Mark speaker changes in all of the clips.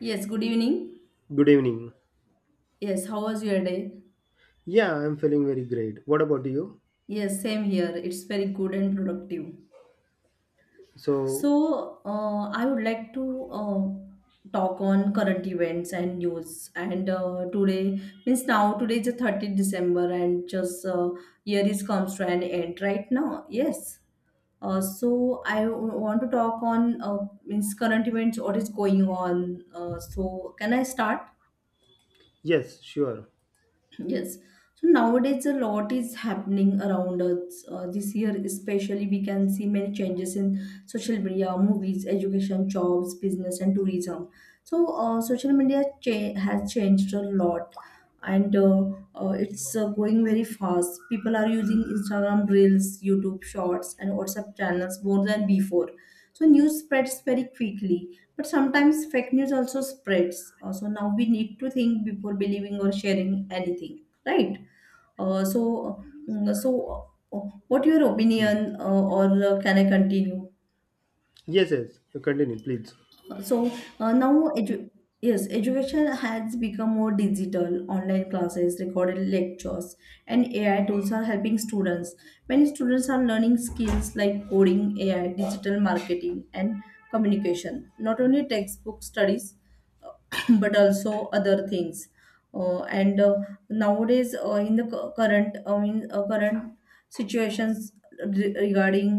Speaker 1: Yes, good evening.
Speaker 2: Good evening.
Speaker 1: Yes, how was your day?
Speaker 2: Yeah, I'm feeling very great. What about you?
Speaker 1: Yes, same here. It's very good and productive.
Speaker 2: So,
Speaker 1: So, I would like to talk on current events and news. And Today means now today is the 30th of December, and just year is comes to an end right now. Yes. So I want to talk on means current events. What is going on? So can I start?
Speaker 2: yes, sure.
Speaker 1: Yes. So nowadays a lot is happening around us. This year especially we can see many changes in social media, movies, education, jobs, business and tourism. So has changed a lot and it's going very fast. People are using Instagram reels, YouTube shorts and WhatsApp channels more than before. So news spreads very quickly, but sometimes fake news also spreads. So now we need to think before believing or sharing anything, right? Uh, so, uh, so uh, what your
Speaker 2: Right.
Speaker 1: opinion or can I continue?
Speaker 2: Yes, yes. Continue, please.
Speaker 1: Uh, So uh, now edu- yes, education has become more digital. Online classes, recorded lectures, and AI tools are helping students. Many students are learning skills like coding, AI, digital marketing, and communication. Not only textbook studies, but also other things and nowadays in the cu- current I mean current situations regarding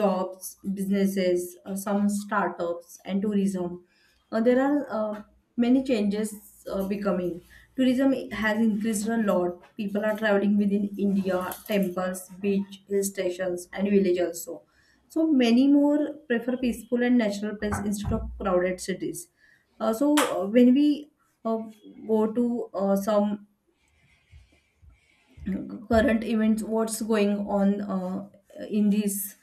Speaker 1: jobs, businesses, some startups and tourism, there are many changes becoming. Tourism has increased a lot. People are traveling within India: temples, beach, hill stations and village also. So many more prefer peaceful and natural places instead of crowded cities. So when we uh, go to some current events, what's going on in this?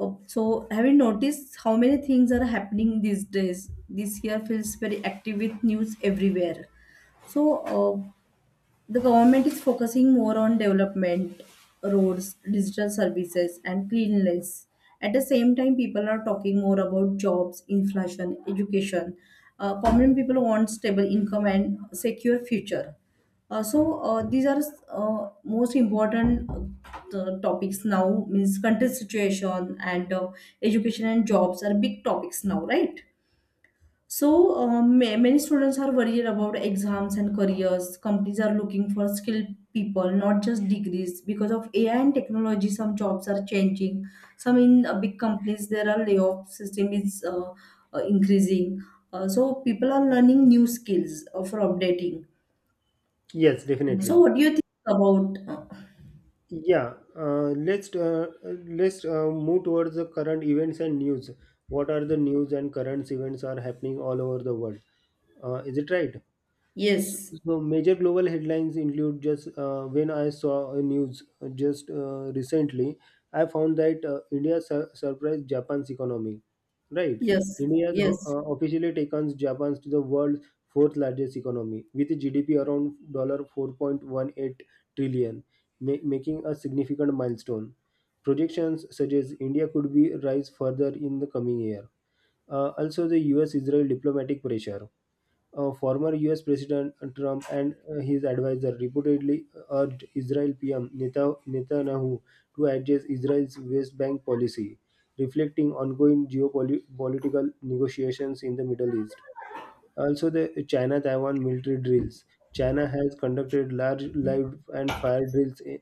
Speaker 1: So have you noticed how many things are happening these days? This year feels very active with news everywhere. So uh, the government is focusing more on development, roads, digital services, and cleanliness. At the same time, people are talking more about jobs, inflation, education. Common people want stable income and secure future. So these are most important topics now. Means country situation and education and jobs are big topics now, right? So, many students are worried about exams and careers. Companies are looking for skilled people, not just degrees. Because of AI and technology, some jobs are changing. Some in big companies, there are layoff system is increasing. So, people are learning new skills for updating.
Speaker 2: Yes,
Speaker 1: So,
Speaker 2: definitely.
Speaker 1: what do you think about?
Speaker 2: Yeah. Let's move towards the current events and news. What are the news and current events are happening all over the world? Is it right? So,
Speaker 1: Yes,
Speaker 2: so, major global headlines include just when I saw a news just recently, I found that India surprised Japan's economy. Right,
Speaker 1: yes,
Speaker 2: India has
Speaker 1: yes.
Speaker 2: officially taken Japan to the world's fourth largest economy with a GDP around dollar 4.18 trillion, making a significant milestone. Projections suggest India could be rise further in the coming year. Also, the U.S.-Israel diplomatic pressure. Former US President Trump and his advisor reportedly urged Israel PM Netanyahu to adjust Israel's West Bank policy, reflecting ongoing geopolitical negotiations in the Middle East. Also, the China Taiwan military drills. China has conducted large live and fire drills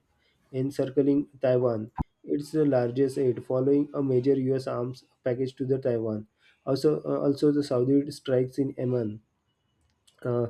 Speaker 2: encircling Taiwan. It's the largest aid following a major US arms package to the Taiwan. Also, the Saudi strikes in Yemen. uh,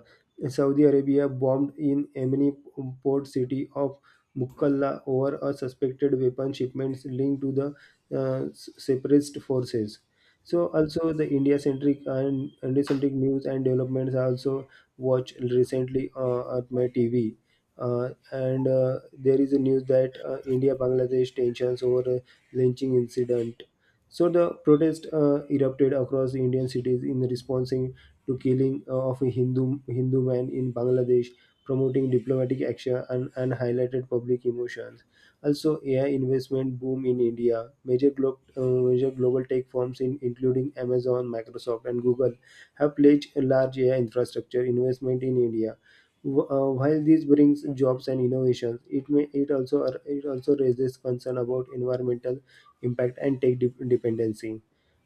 Speaker 2: Saudi Arabia bombed in Yemeni port city of Mukalla over a suspected weapon shipments linked to the separatist forces. So also the India-centric and India-centric news and developments I also watched recently at my TV. And there is a news that India-Bangladesh tensions over a lynching incident. So the protest erupted across the Indian cities in responding to killing of a Hindu man in Bangladesh, promoting diplomatic action and highlighted public emotions. Also, AI investment boom in India. Major global tech firms, including Amazon, Microsoft, and Google, have pledged a large AI infrastructure investment in India. While this brings jobs and innovations, it also raises concern about environmental impact and tech dependency.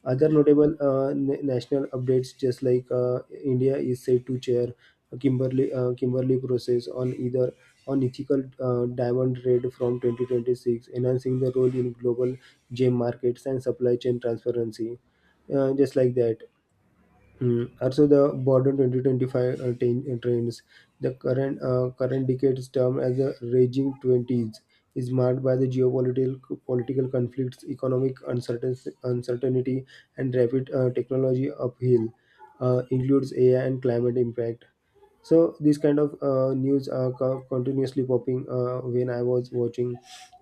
Speaker 2: Other notable national updates, just like India is set to chair Kimberley process on ethical diamond trade from 2026, enhancing the role in global gem markets and supply chain transparency. Just like that. Mm. Also, the Borden 2025 trains, the current decade's term as the Raging Twenties, is marked by the geopolitical political conflicts, economic uncertainty, and rapid technology uphill. Includes AI and climate impact. So these kind of news are continuously popping when I was watching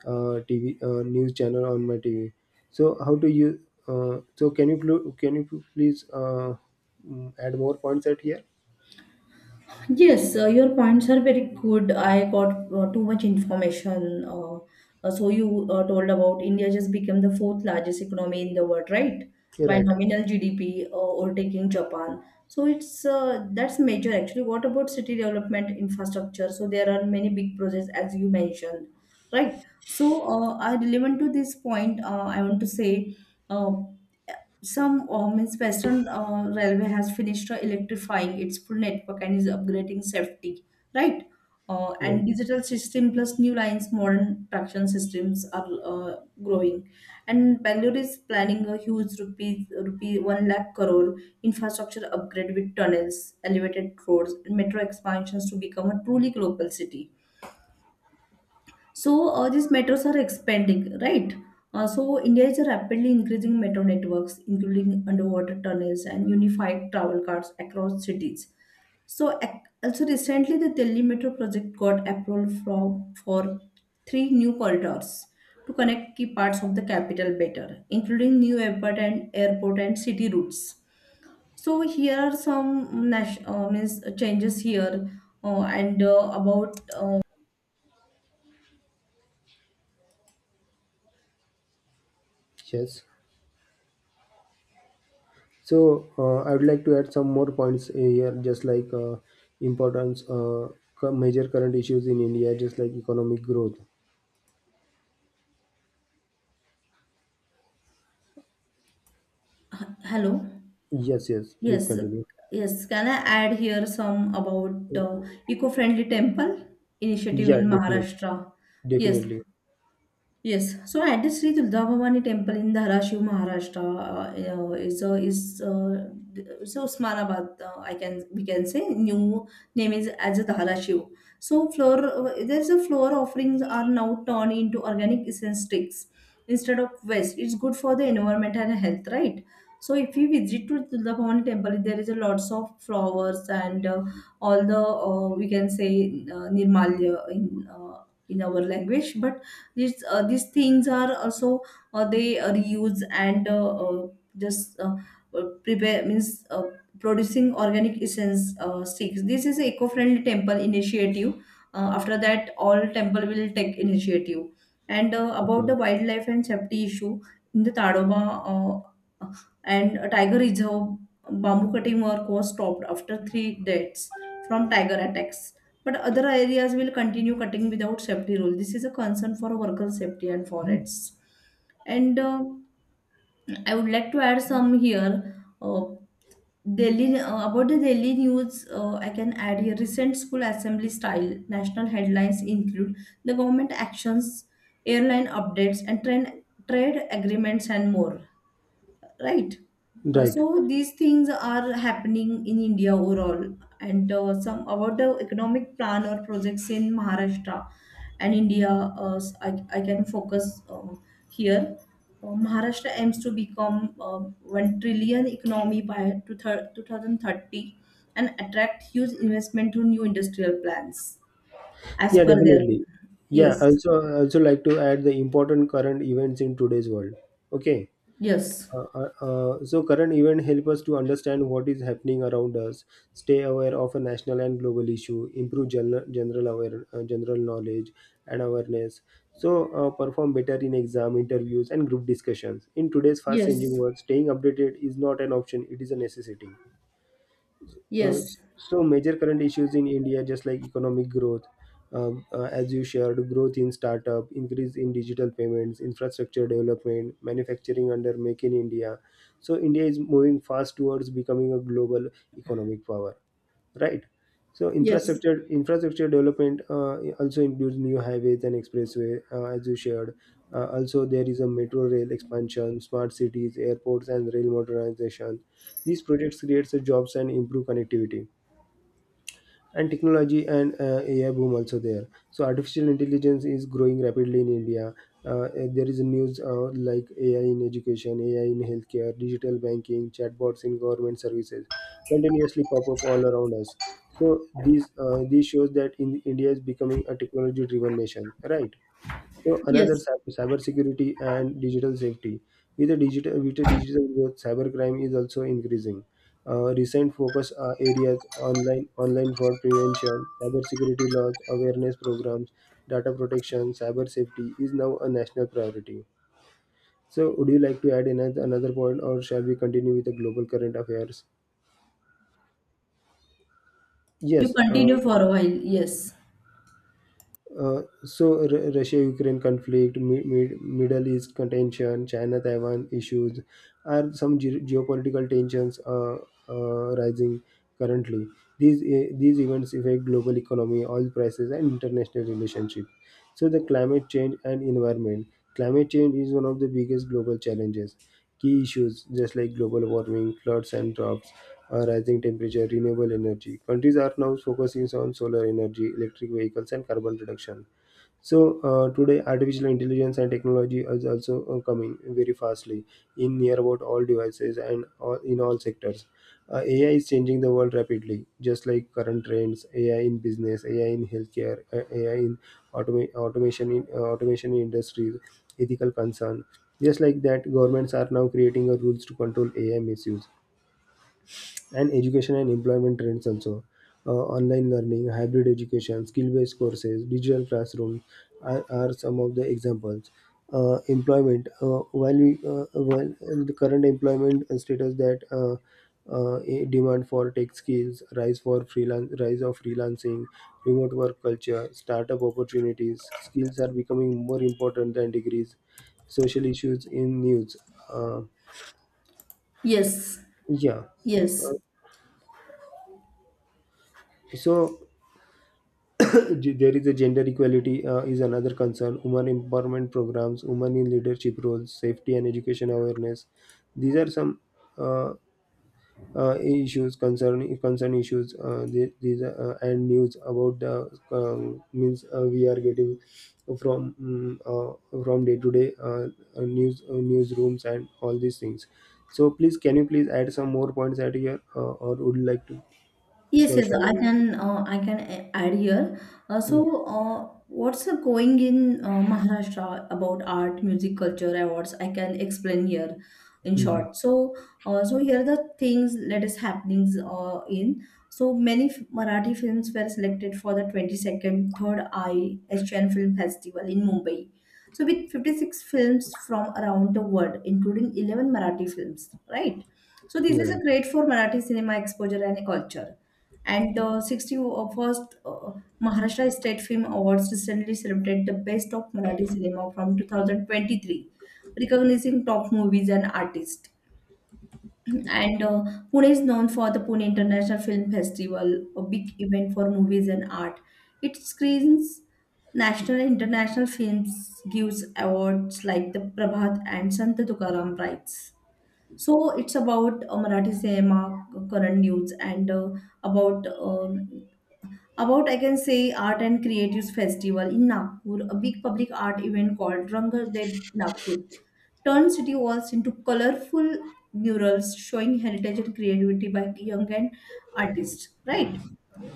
Speaker 2: TV news channel on my TV. So how do you? So, can you please add more points at here?
Speaker 1: Yes, your points are very good. I got too much information. So you told about India just became the fourth largest economy in the world, right?
Speaker 2: You're
Speaker 1: By
Speaker 2: right.
Speaker 1: nominal GDP, overtaking Japan. So it's that's major actually. What about city development infrastructure? So there are many big projects as you mentioned, right? So I relevant to this point, I want to say. Uh, some Means Western Railway has finished electrifying its full network and is upgrading safety, right?
Speaker 2: Right.
Speaker 1: And digital system plus new lines, modern traction systems are growing. And Bangalore is planning a huge rupee one lakh crore infrastructure upgrade with tunnels, elevated roads, and metro expansions to become a truly global city. So these metros are expanding, right? So India is rapidly increasing metro networks, including underwater tunnels and unified travel cards across cities. So also recently, the Delhi metro project got approval from for three new corridors to connect key parts of the capital better, including new airport and airport and city routes. So here are some means changes here uh, and uh, about uh,
Speaker 2: Yes. So, I would like to add some more points here, just like importance, major current issues in India, just like economic growth.
Speaker 1: h- hello.
Speaker 2: Yes, yes, please
Speaker 1: Yes,
Speaker 2: continue.
Speaker 1: yes. Can I add here some about eco-friendly temple initiative
Speaker 2: Yeah,
Speaker 1: in
Speaker 2: definitely.
Speaker 1: Maharashtra? Yes,
Speaker 2: Definitely.
Speaker 1: yes, so at the Sri Durga Bhavani temple in Dharashiv, Maharashtra, is so Osmanabad. I can we can say new name is as a Dharashiv. So floor there's a floor offerings are now turned into organic essence sticks instead of waste. It's good for the environment and health, right? So if you visit to Durga Bhavani temple, there is a lots of flowers and all the we can say nirmalya in our language, but these things are also they reuse and just prepare means producing organic essence sticks. This is an eco-friendly temple initiative. After that, all temple will take initiative. And about the
Speaker 2: Okay.
Speaker 1: wildlife and safety issue in the Tadoba uh, uh, and a tiger reserve, bamboo cutting work was stopped after three deaths from tiger attacks. But other areas will continue cutting without safety rule. This is a concern for worker safety and forests. And I would like to add some here. Daily About the daily news, I can add here recent school assembly style national headlines include the government actions, airline updates, and trade agreements and more, right. Uh,
Speaker 2: Right.
Speaker 1: so these things are happening in India overall and some about the economic plan or projects in Maharashtra and India. uh, s- I, I can focus um, here. Maharashtra aims to become uh, 1 trillion economy by 2030 and attract huge investment through new industrial plans as
Speaker 2: Yeah,
Speaker 1: per their
Speaker 2: definitely. Yeah,
Speaker 1: yes
Speaker 2: also like to add the important current events in today's world. Okay.
Speaker 1: yes
Speaker 2: So current event help us to understand what is happening around us, stay aware of a national and global issue, improve general knowledge and awareness. So, perform better in exam interviews and group discussions. In today's fast changing
Speaker 1: yes
Speaker 2: world, staying updated is not an option; it is a necessity. Uh,
Speaker 1: yes
Speaker 2: so, major current issues in India, just like economic growth, as you shared, growth in startup, increase in digital payments, infrastructure development, manufacturing under Make in India. So India is moving fast towards becoming a global economic power, right? So
Speaker 1: yes
Speaker 2: infrastructure development also includes new highways and expressway, as you shared. Also, there is a metro rail expansion, smart cities, airports, and rail modernization. These projects create jobs and improve connectivity, and technology and AI boom also there. So artificial intelligence is growing rapidly in India. uh, there is news like AI in education, AI in healthcare, digital banking, chatbots in government services continuously pop up all around us. So these shows that in India is becoming a technology driven nation, right? So another
Speaker 1: yes
Speaker 2: cybersecurity and digital safety. With the digital growth, cybercrime is also increasing. Recent focus areas: online fraud prevention, cybersecurity laws, awareness programs, data protection. Cyber safety is now a national priority. So, would you like to add another point, or shall we continue with the global current affairs?
Speaker 1: You
Speaker 2: Yes.
Speaker 1: continue for a while. Yes.
Speaker 2: So Russia-Ukraine conflict, Middle East contention, China-Taiwan issues are some geopolitical tensions rising currently. These events affect global economy, oil prices, and international relationships. So the climate change and environment. Climate change is one of the biggest global challenges. Key issues just like global warming, floods and droughts, rising temperature, renewable energy. Countries are now focusing on solar energy, electric vehicles, and carbon reduction. So, today, artificial intelligence and technology is also coming very fastly in near about all devices and all, in all sectors. AI is changing the world rapidly, just like current trends. AI in business, AI in healthcare, AI in automation in industries, ethical concern. Just like that, governments are now creating a rules to control AI misuse, and education and employment trends also. uh, Online learning, hybrid education, skill-based courses, digital classroom are some of the examples. Employment, while we, while the current employment status that a demand for tech skills, rise for freelance rise of freelancing, remote work culture, startup opportunities. Skills are becoming more important than degrees. Social issues in news. uh,
Speaker 1: Yes.
Speaker 2: yeah. uh,
Speaker 1: Yes.
Speaker 2: so there is a gender equality, is another concern. Women empowerment programs, women in leadership roles, safety and education awareness. These are some uh, issues, concern issues. And news about the, means we are getting, from mm, from day to day news, newsrooms and all these things. So please, can you please add some more points at here, or would you like to?
Speaker 1: Yes,
Speaker 2: Sure,
Speaker 1: yes, I
Speaker 2: Shalini.
Speaker 1: can. I can add here. Uh,
Speaker 2: Hmm.
Speaker 1: so, uh, what's going in Maharashtra about art, music, culture, awards? I can explain here, in
Speaker 2: Hmm.
Speaker 1: short. So here are the things, latest happenings in. So many Marathi films were selected for the 22nd Third Eye Asian Film Festival in Mumbai. So with 56 films from around the world, including 11 Marathi films, right? So this is
Speaker 2: Right,
Speaker 1: a great for Marathi cinema exposure and culture. And 61st Maharashtra State Film Awards recently celebrated the best of Marathi cinema from 2023, recognizing top movies and artists. And Pune is known for the Pune International Film Festival, a big event for movies and art. It screens national and international films, gives awards like the Prabhat and Sant Tukaram Prize. So it's about Marathi cinema, current news, and uh, about um about I can say art and creatives festival in Nagpur, a big public art event called Rangar Dev Nagpur. Turn city walls into colorful murals showing heritage and creativity by young and artists. Right?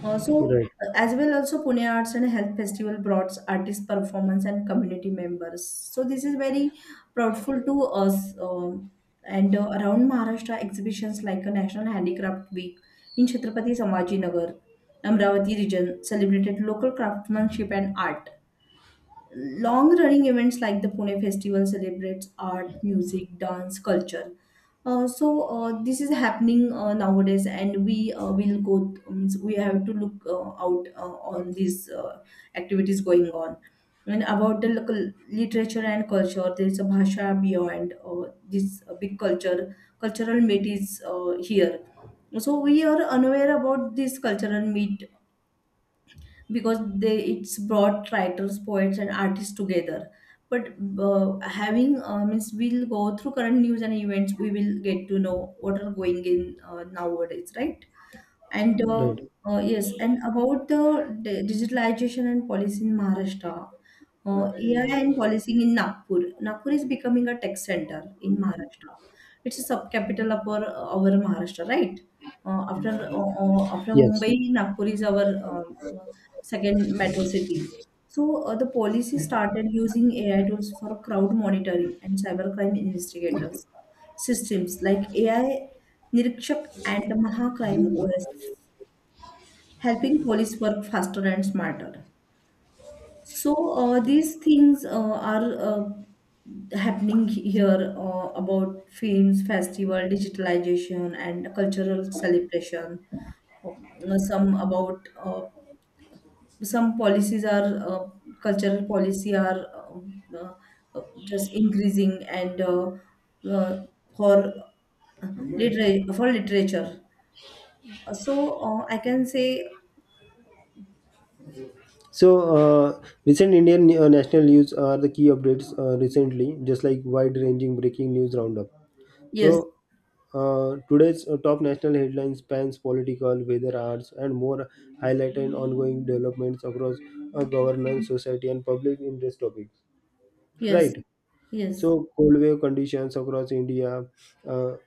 Speaker 1: Uh, so,
Speaker 2: right,
Speaker 1: as well, also Pune Arts and Health Festival brought artist performance and community members. So, this is very proudful to us. And around Maharashtra, exhibitions like a National Handicraft Week in Chhatrapati Sambhaji Nagar, Amravati region celebrated local craftsmanship and art. Long running events like the Pune Festival celebrates art, music, dance, culture. So this is happening nowadays, and we will go. Means we have to look out on these activities going on. And about the local literature and culture, there is a Bhasha beyond this big culture cultural meet is here. So we are unaware about this cultural meet because they it's brought writers, poets and artists together. But having means we'll go through current news and events, we will get to know what are going in nowadays, right? and uh,
Speaker 2: right.
Speaker 1: uh, yes, and about the digitalization and policy in Maharashtra, AI and policing in Nagpur. Nagpur is becoming a tech center in Maharashtra. It's a subcapital of our Maharashtra, right? After
Speaker 2: Yes.
Speaker 1: Mumbai, Nagpur is our um, uh, second metro city. So the policy started using AI tools for crowd monitoring and cybercrime investigators systems like AI Nirikshak and Mahacrime OS helping police work faster and smarter. So these things are happening here about films, festival, digitalization, and cultural celebration. Some about some policies are cultural policy are um, uh, just increasing and uh, for for literature. So I can say
Speaker 2: So, recent Indian national news are the key updates recently, just like wide-ranging breaking news roundup.
Speaker 1: yes,
Speaker 2: So, today's top national headlines spans political, weather, arts, and more, highlighting ongoing developments across governance, society, and public interest topics.
Speaker 1: yes,
Speaker 2: Right.
Speaker 1: yes.
Speaker 2: So, cold wave conditions across India. uh,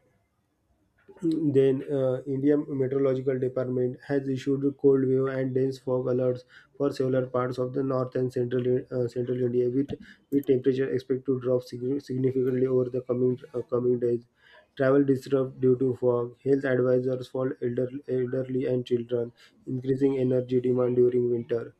Speaker 2: Then, India Meteorological Department has issued cold wave and dense fog alerts for several parts of the north and central India, with temperature expected to drop significantly over the coming days. Travel disrupted due to fog. Health advisors for elderly and children, increasing energy demand during winter.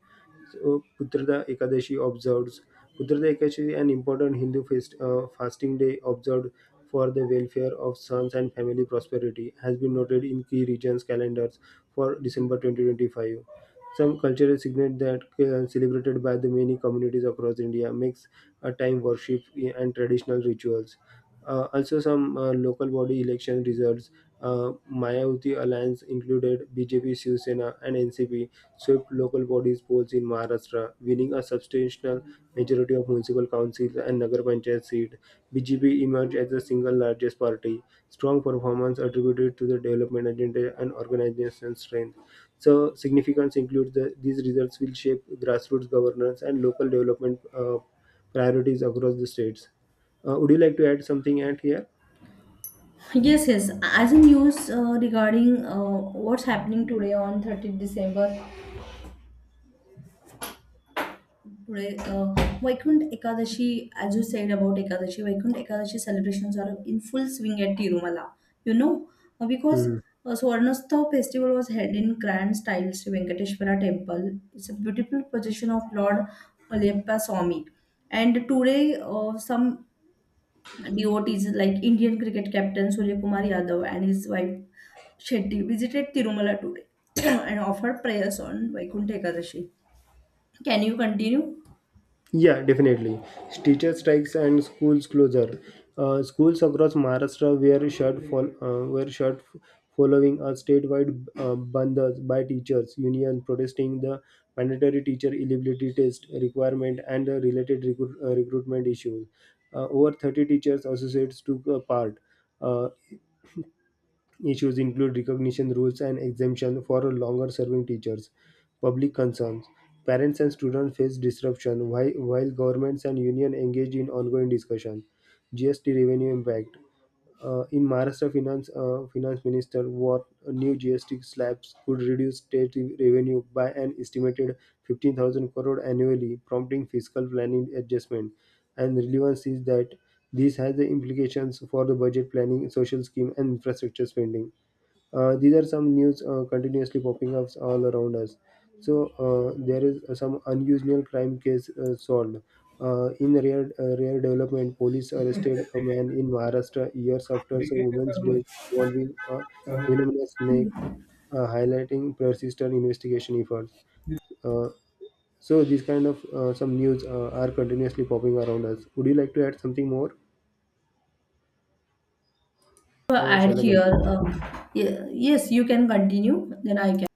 Speaker 2: So, Putrada Ekadashi observes. Putrada Ekadashi is an important Hindu feast, fasting day observed for the welfare of sons and family prosperity, has been noted in key regions' calendars for December 2025. Some cultural signet that celebrated by the many communities across India makes a time worship and traditional rituals. Also, some local body election results. Mayawati alliance included BJP, Shiv Sena, and NCP swept local bodies polls in Maharashtra, winning a substantial majority of municipal councils and Nagar Panchayat seat. BJP emerged as the single largest party. Strong performance attributed to the development agenda and organization strength. So significance includes these results will shape grassroots governance and local development priorities across the states. Would you like to add something at here?
Speaker 1: Yes, yes. As a news regarding what's happening today on 30th of December, today Vaikunt Ekadashi, as you said about Ekadashi, Vaikunt Ekadashi celebrations are in full swing at Tirumala. You know, Uh, because
Speaker 2: Hmm.
Speaker 1: uh, Swarnastha festival was held in grand style Sri Venkateshwara temple. It's a beautiful procession of Lord Alyappa Swami. And today, some DOT is like Indian cricket captain Surya Kumar Yadav and his wife Shetty visited Tirumala today and offered prayers on Vaikuntha Ekadashi. Can you continue?
Speaker 2: Yeah, definitely. Teacher strikes and schools closure. Schools across Maharashtra were shut, following a statewide bandhas by teachers union protesting the mandatory teacher eligibility test requirement and the related recruitment issues. Over 30 teachers associates took part. Uh, Issues include recognition rules and exemption for longer serving teachers. Public concerns. Parents and students face disruption while governments and union engage in ongoing discussion. GST revenue impact. In Maharashtra, finance minister what new GST slabs could reduce state revenue by an estimated 15,000 crore annually, prompting fiscal planning adjustment. And relevance is that this has the implications for the budget planning, social scheme, and infrastructure spending. These are some news continuously popping up all around us. So, there is some unusual crime case solved. In rare development, police arrested a man in Maharashtra years after a woman's death involving a venomous snake, highlighting persistent investigation efforts. Uh, so these kind of some news are continuously popping around us. Would you like to add something more, or
Speaker 1: Add
Speaker 2: shall I
Speaker 1: here.
Speaker 2: continue?
Speaker 1: Ye- yes, you can continue. Then I can.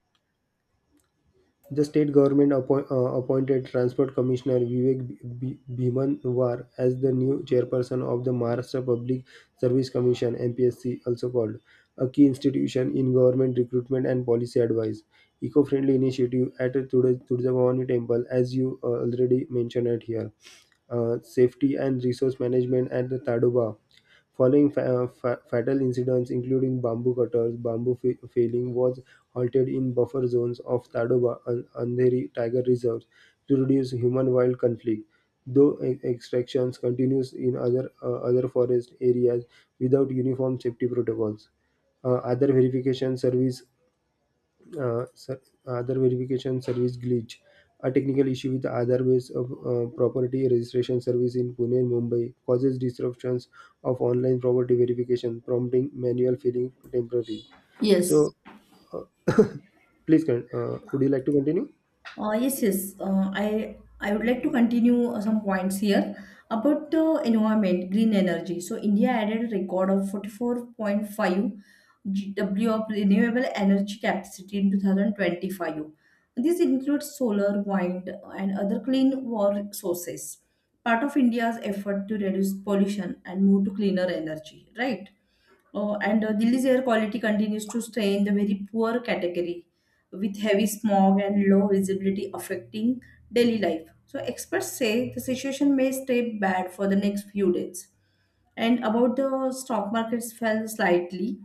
Speaker 2: The state government appointed Transport Commissioner Vivek Bhimanwar as the new chairperson of the Maharashtra Public Service Commission (MPSC), also called a key institution in government recruitment and policy advice. Eco-friendly initiative at Tudja Temple, as you already mentioned it here. Safety and resource management at the Tadoba following fatal incidents including bamboo cutters bamboo failing was halted in buffer zones of Tadoba and Andheri tiger reserves to reduce human-wild conflict, though extractions continues in other forest areas without uniform safety protocols. Other verification service uh, ser- other verification service glitch, a technical issue with other ways of property registration service in Pune and Mumbai causes disruptions of online property verification, prompting manual filling temporarily.
Speaker 1: Yes.
Speaker 2: So uh, please, would you like to continue?
Speaker 1: Yes. I would like to continue some points here about the environment, green energy. So India added a record of 44.5 GW of renewable energy capacity in 2025. This includes solar, wind, and other clean war sources. Part of India's effort to reduce pollution and move to cleaner energy, right? And Delhi's air quality continues to stay in the very poor category with heavy smog and low visibility affecting daily life. So experts say the situation may stay bad for the next few days. And about the stock markets fell slightly,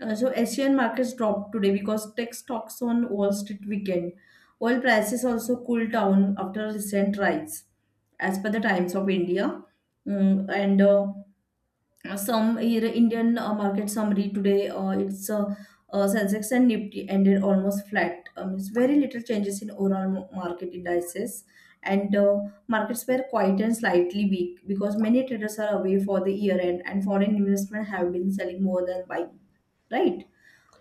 Speaker 1: so Asian markets dropped today because tech stocks on Wall Street weekend. Oil prices also cooled down after recent rise, as per the Times of India. Mm, and some here Indian market summary today. It's Sensex and Nifty ended almost flat. It's very little changes in overall market indices, and markets were quiet and slightly weak because many traders are away for the year end, and foreign investment have been selling more than buying. Right.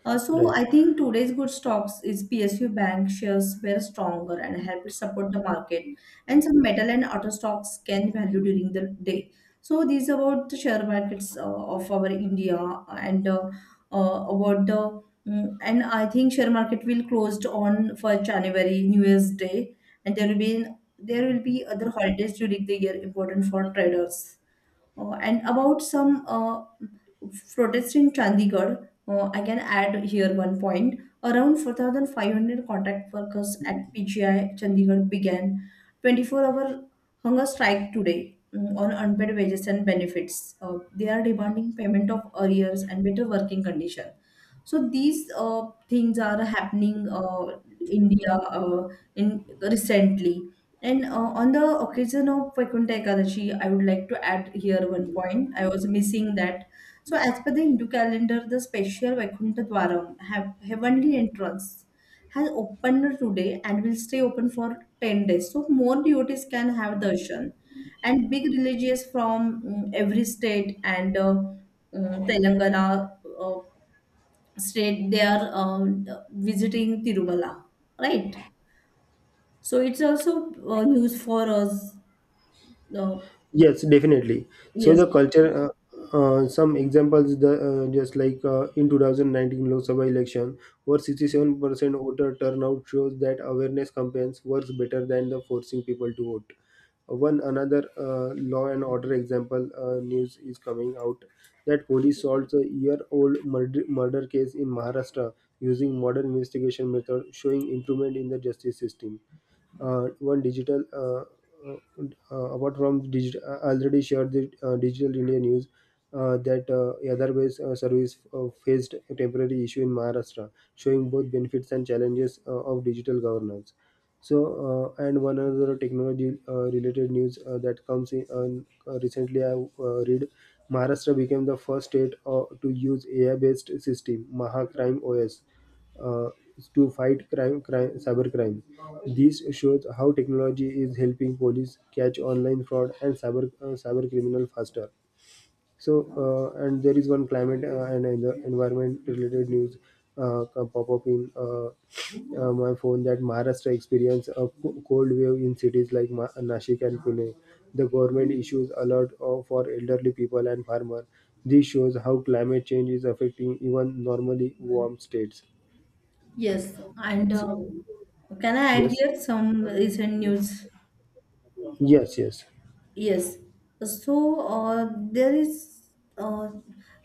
Speaker 1: So
Speaker 2: Right.
Speaker 1: I think today's good stocks is PSU bank shares were stronger and helped support the market, and some metal and auto stocks gained value during the day. So these about the share markets of our India and about the mm, and I think share market will closed on for January New Year's Day, and there will be other holidays during the year important for traders. And about some protests in Chandigarh, I can add here one point. Around 4,500 contract workers at PGI Chandigarh began 24-hour hunger strike today, on unpaid wages and benefits. They are demanding payment of arrears and better working condition. So these things are happening India in recently. And On the occasion of Vaikuntha Ekadashi, I would like to add here one point. I was missing that. So, as per the Hindu calendar, the special Vaikuntha Dwaram, have heavenly entrance, has opened today and will stay open for 10 days. So more devotees can have darshan. And big religious from every state, and Telangana uh, state, they are visiting Tirumala, right? So it's also news for us, no?
Speaker 2: Yes, definitely. So
Speaker 1: Yes,
Speaker 2: the culture, some examples, the just like in 2019 Lok Sabha election, where 67% voter turnout shows that awareness campaigns works better than the forcing people to vote. One another law and order example news is coming out that police solves a year-old murder case in Maharashtra using modern investigation method, showing improvement in the justice system. One digital Apart from digital, already shared the digital india news that Yadarbase service faced a temporary issue in Maharashtra, showing both benefits and challenges of digital governance. And one other technology related news that comes in, recently I read Maharashtra became the first state to use AI based system, Mahacrime OS uh, to fight cybercrime. This shows how technology is helping police catch online fraud and cyber criminal faster. So, and there is one climate and environment related news pop up in my phone that Maharashtra experienced a cold wave in cities like Nashik and Pune. The government issues alert for elderly people and farmer. This shows how climate change is affecting even normally warm states.
Speaker 1: yes. And Can I add
Speaker 2: Yes.
Speaker 1: here some recent news?
Speaker 2: Yes, yes.
Speaker 1: Yes. So uh, there is uh,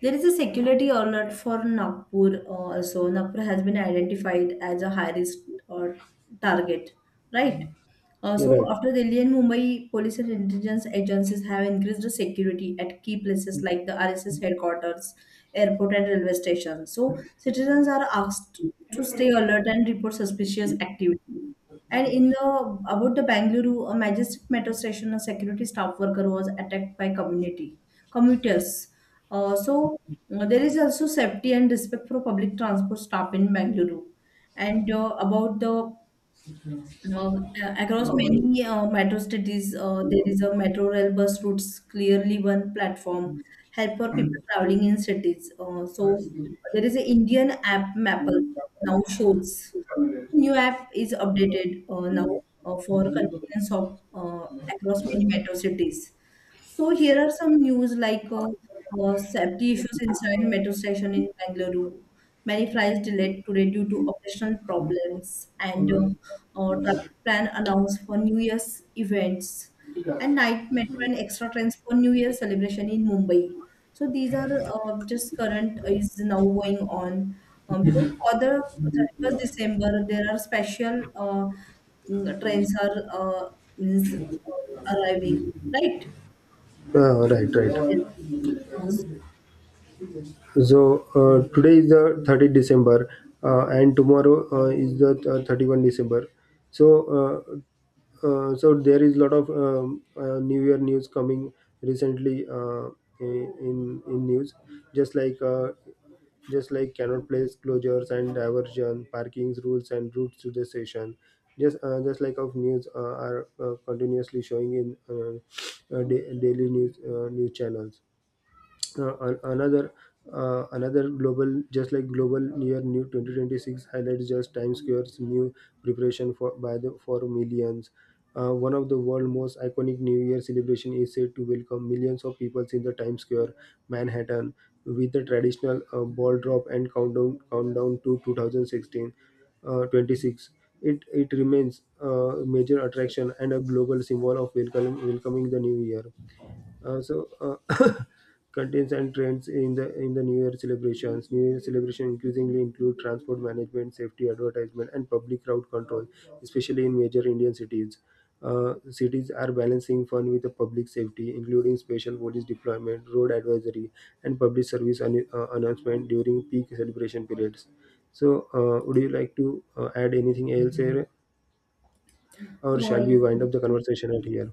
Speaker 1: there is a security alert for Nagpur. Also, Nagpur has been identified as a high risk or target, right? Uh,
Speaker 2: You're
Speaker 1: so
Speaker 2: right.
Speaker 1: after Delhi and Mumbai, police and intelligence agencies have increased the security at key places like the RSS headquarters, airport, and railway station. So citizens are asked to stay alert and report suspicious activity. And in the about the Bangalore, a majestic metro station, a security staff worker was attacked by community commuters. Uh, so there is also safety and respect for public transport staff in Bangalore. And about the uh, Across many metro cities, there is a metro rail bus routes clearly one platform help for people traveling in cities. So there is an Indian app Maple now shows. New app is updated now for convenience of across many metro cities. So here are some news like safety issues inside metro station in Bengaluru. Many flights delayed today due to operational problems, and traffic plan announced for New Year's events and night metro and extra trains for New Year celebration in Mumbai. So these are just current is now going on, because for the 31st December there are special trains are means arriving, right?
Speaker 2: Right, right.
Speaker 1: Yes. Uh, s-
Speaker 2: So today is the 30th December, and tomorrow is the 31st December. So so there is a lot of New Year news coming recently in news, just like. Just like cannot place closures and diversion, parkings rules and routes to the station. Just like of news are continuously showing in daily news channels. Another another global just like global year new 2026 highlights just times square's new preparation for by the for millions, one of the world's most iconic new year celebration is said to welcome millions of people in the times square manhattan with the traditional ball drop and countdown to 2016 uh, 26. It remains a major attraction and a global symbol of welcoming the new year. uh, so uh, Contents and trends in the New Year celebrations. New Year celebration increasingly include transport management, safety advertisement, and public crowd control, especially in major Indian cities. Cities are balancing fun with the public safety, including special police deployment, road advisory, and public service announcement during peak celebration periods. Would you like to add anything else here, or shall we wind
Speaker 1: uh,
Speaker 2: up the conversation at here?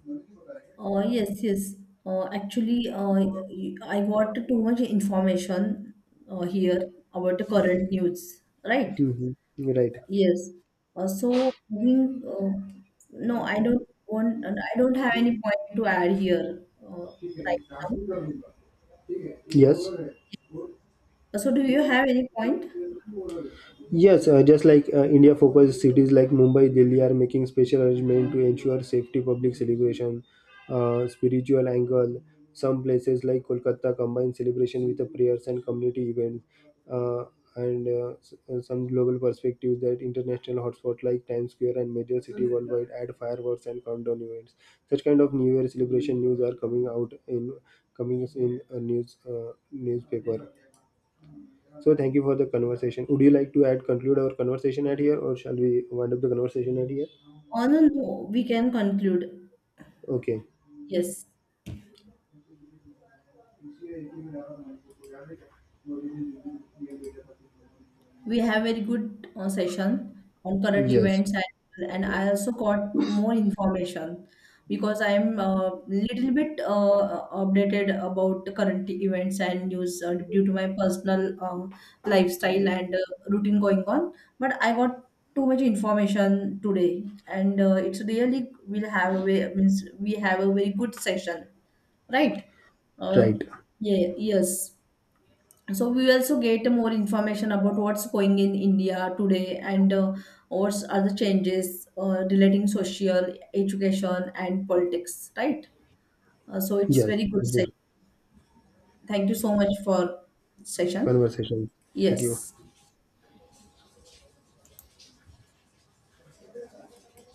Speaker 1: yes. Actually, I got too much information here about the current news, right?
Speaker 2: Mhm. Right.
Speaker 1: Yes. Uh, so, moving, uh, no, I don't have any point to add here right now. So, do you have any point?
Speaker 2: Yes, just like India focused cities like Mumbai, Delhi are making special arrangement to ensure safety, public celebration, spiritual angle. Some places like Kolkata combine celebration with the prayers and community events, uh, some global perspectives that international hotspots like Times Square and major city worldwide add fireworks and countdown events. Such kind of New Year celebration news are coming in a news newspaper. So thank you for the conversation. Would you like to add conclude our conversation at here, or shall we wind up the conversation at here?
Speaker 1: Oh, no, no, we can conclude.
Speaker 2: Okay.
Speaker 1: Yes. We have very good session on current
Speaker 2: Yes.
Speaker 1: events, and I also got more information because I am a little bit updated about the current events and news due to my personal lifestyle and routine going on. But I got too much information today, and it's really will have a way means we have a very good session, right? uh,
Speaker 2: Right.
Speaker 1: yeah yes. So we also get more information about what's going in India today, and what are the changes relating social education and politics, right? So it's
Speaker 2: Yes.
Speaker 1: very good
Speaker 2: Good
Speaker 1: session. Thank you so much for session.
Speaker 2: Conversation. Thank you.
Speaker 1: Yes.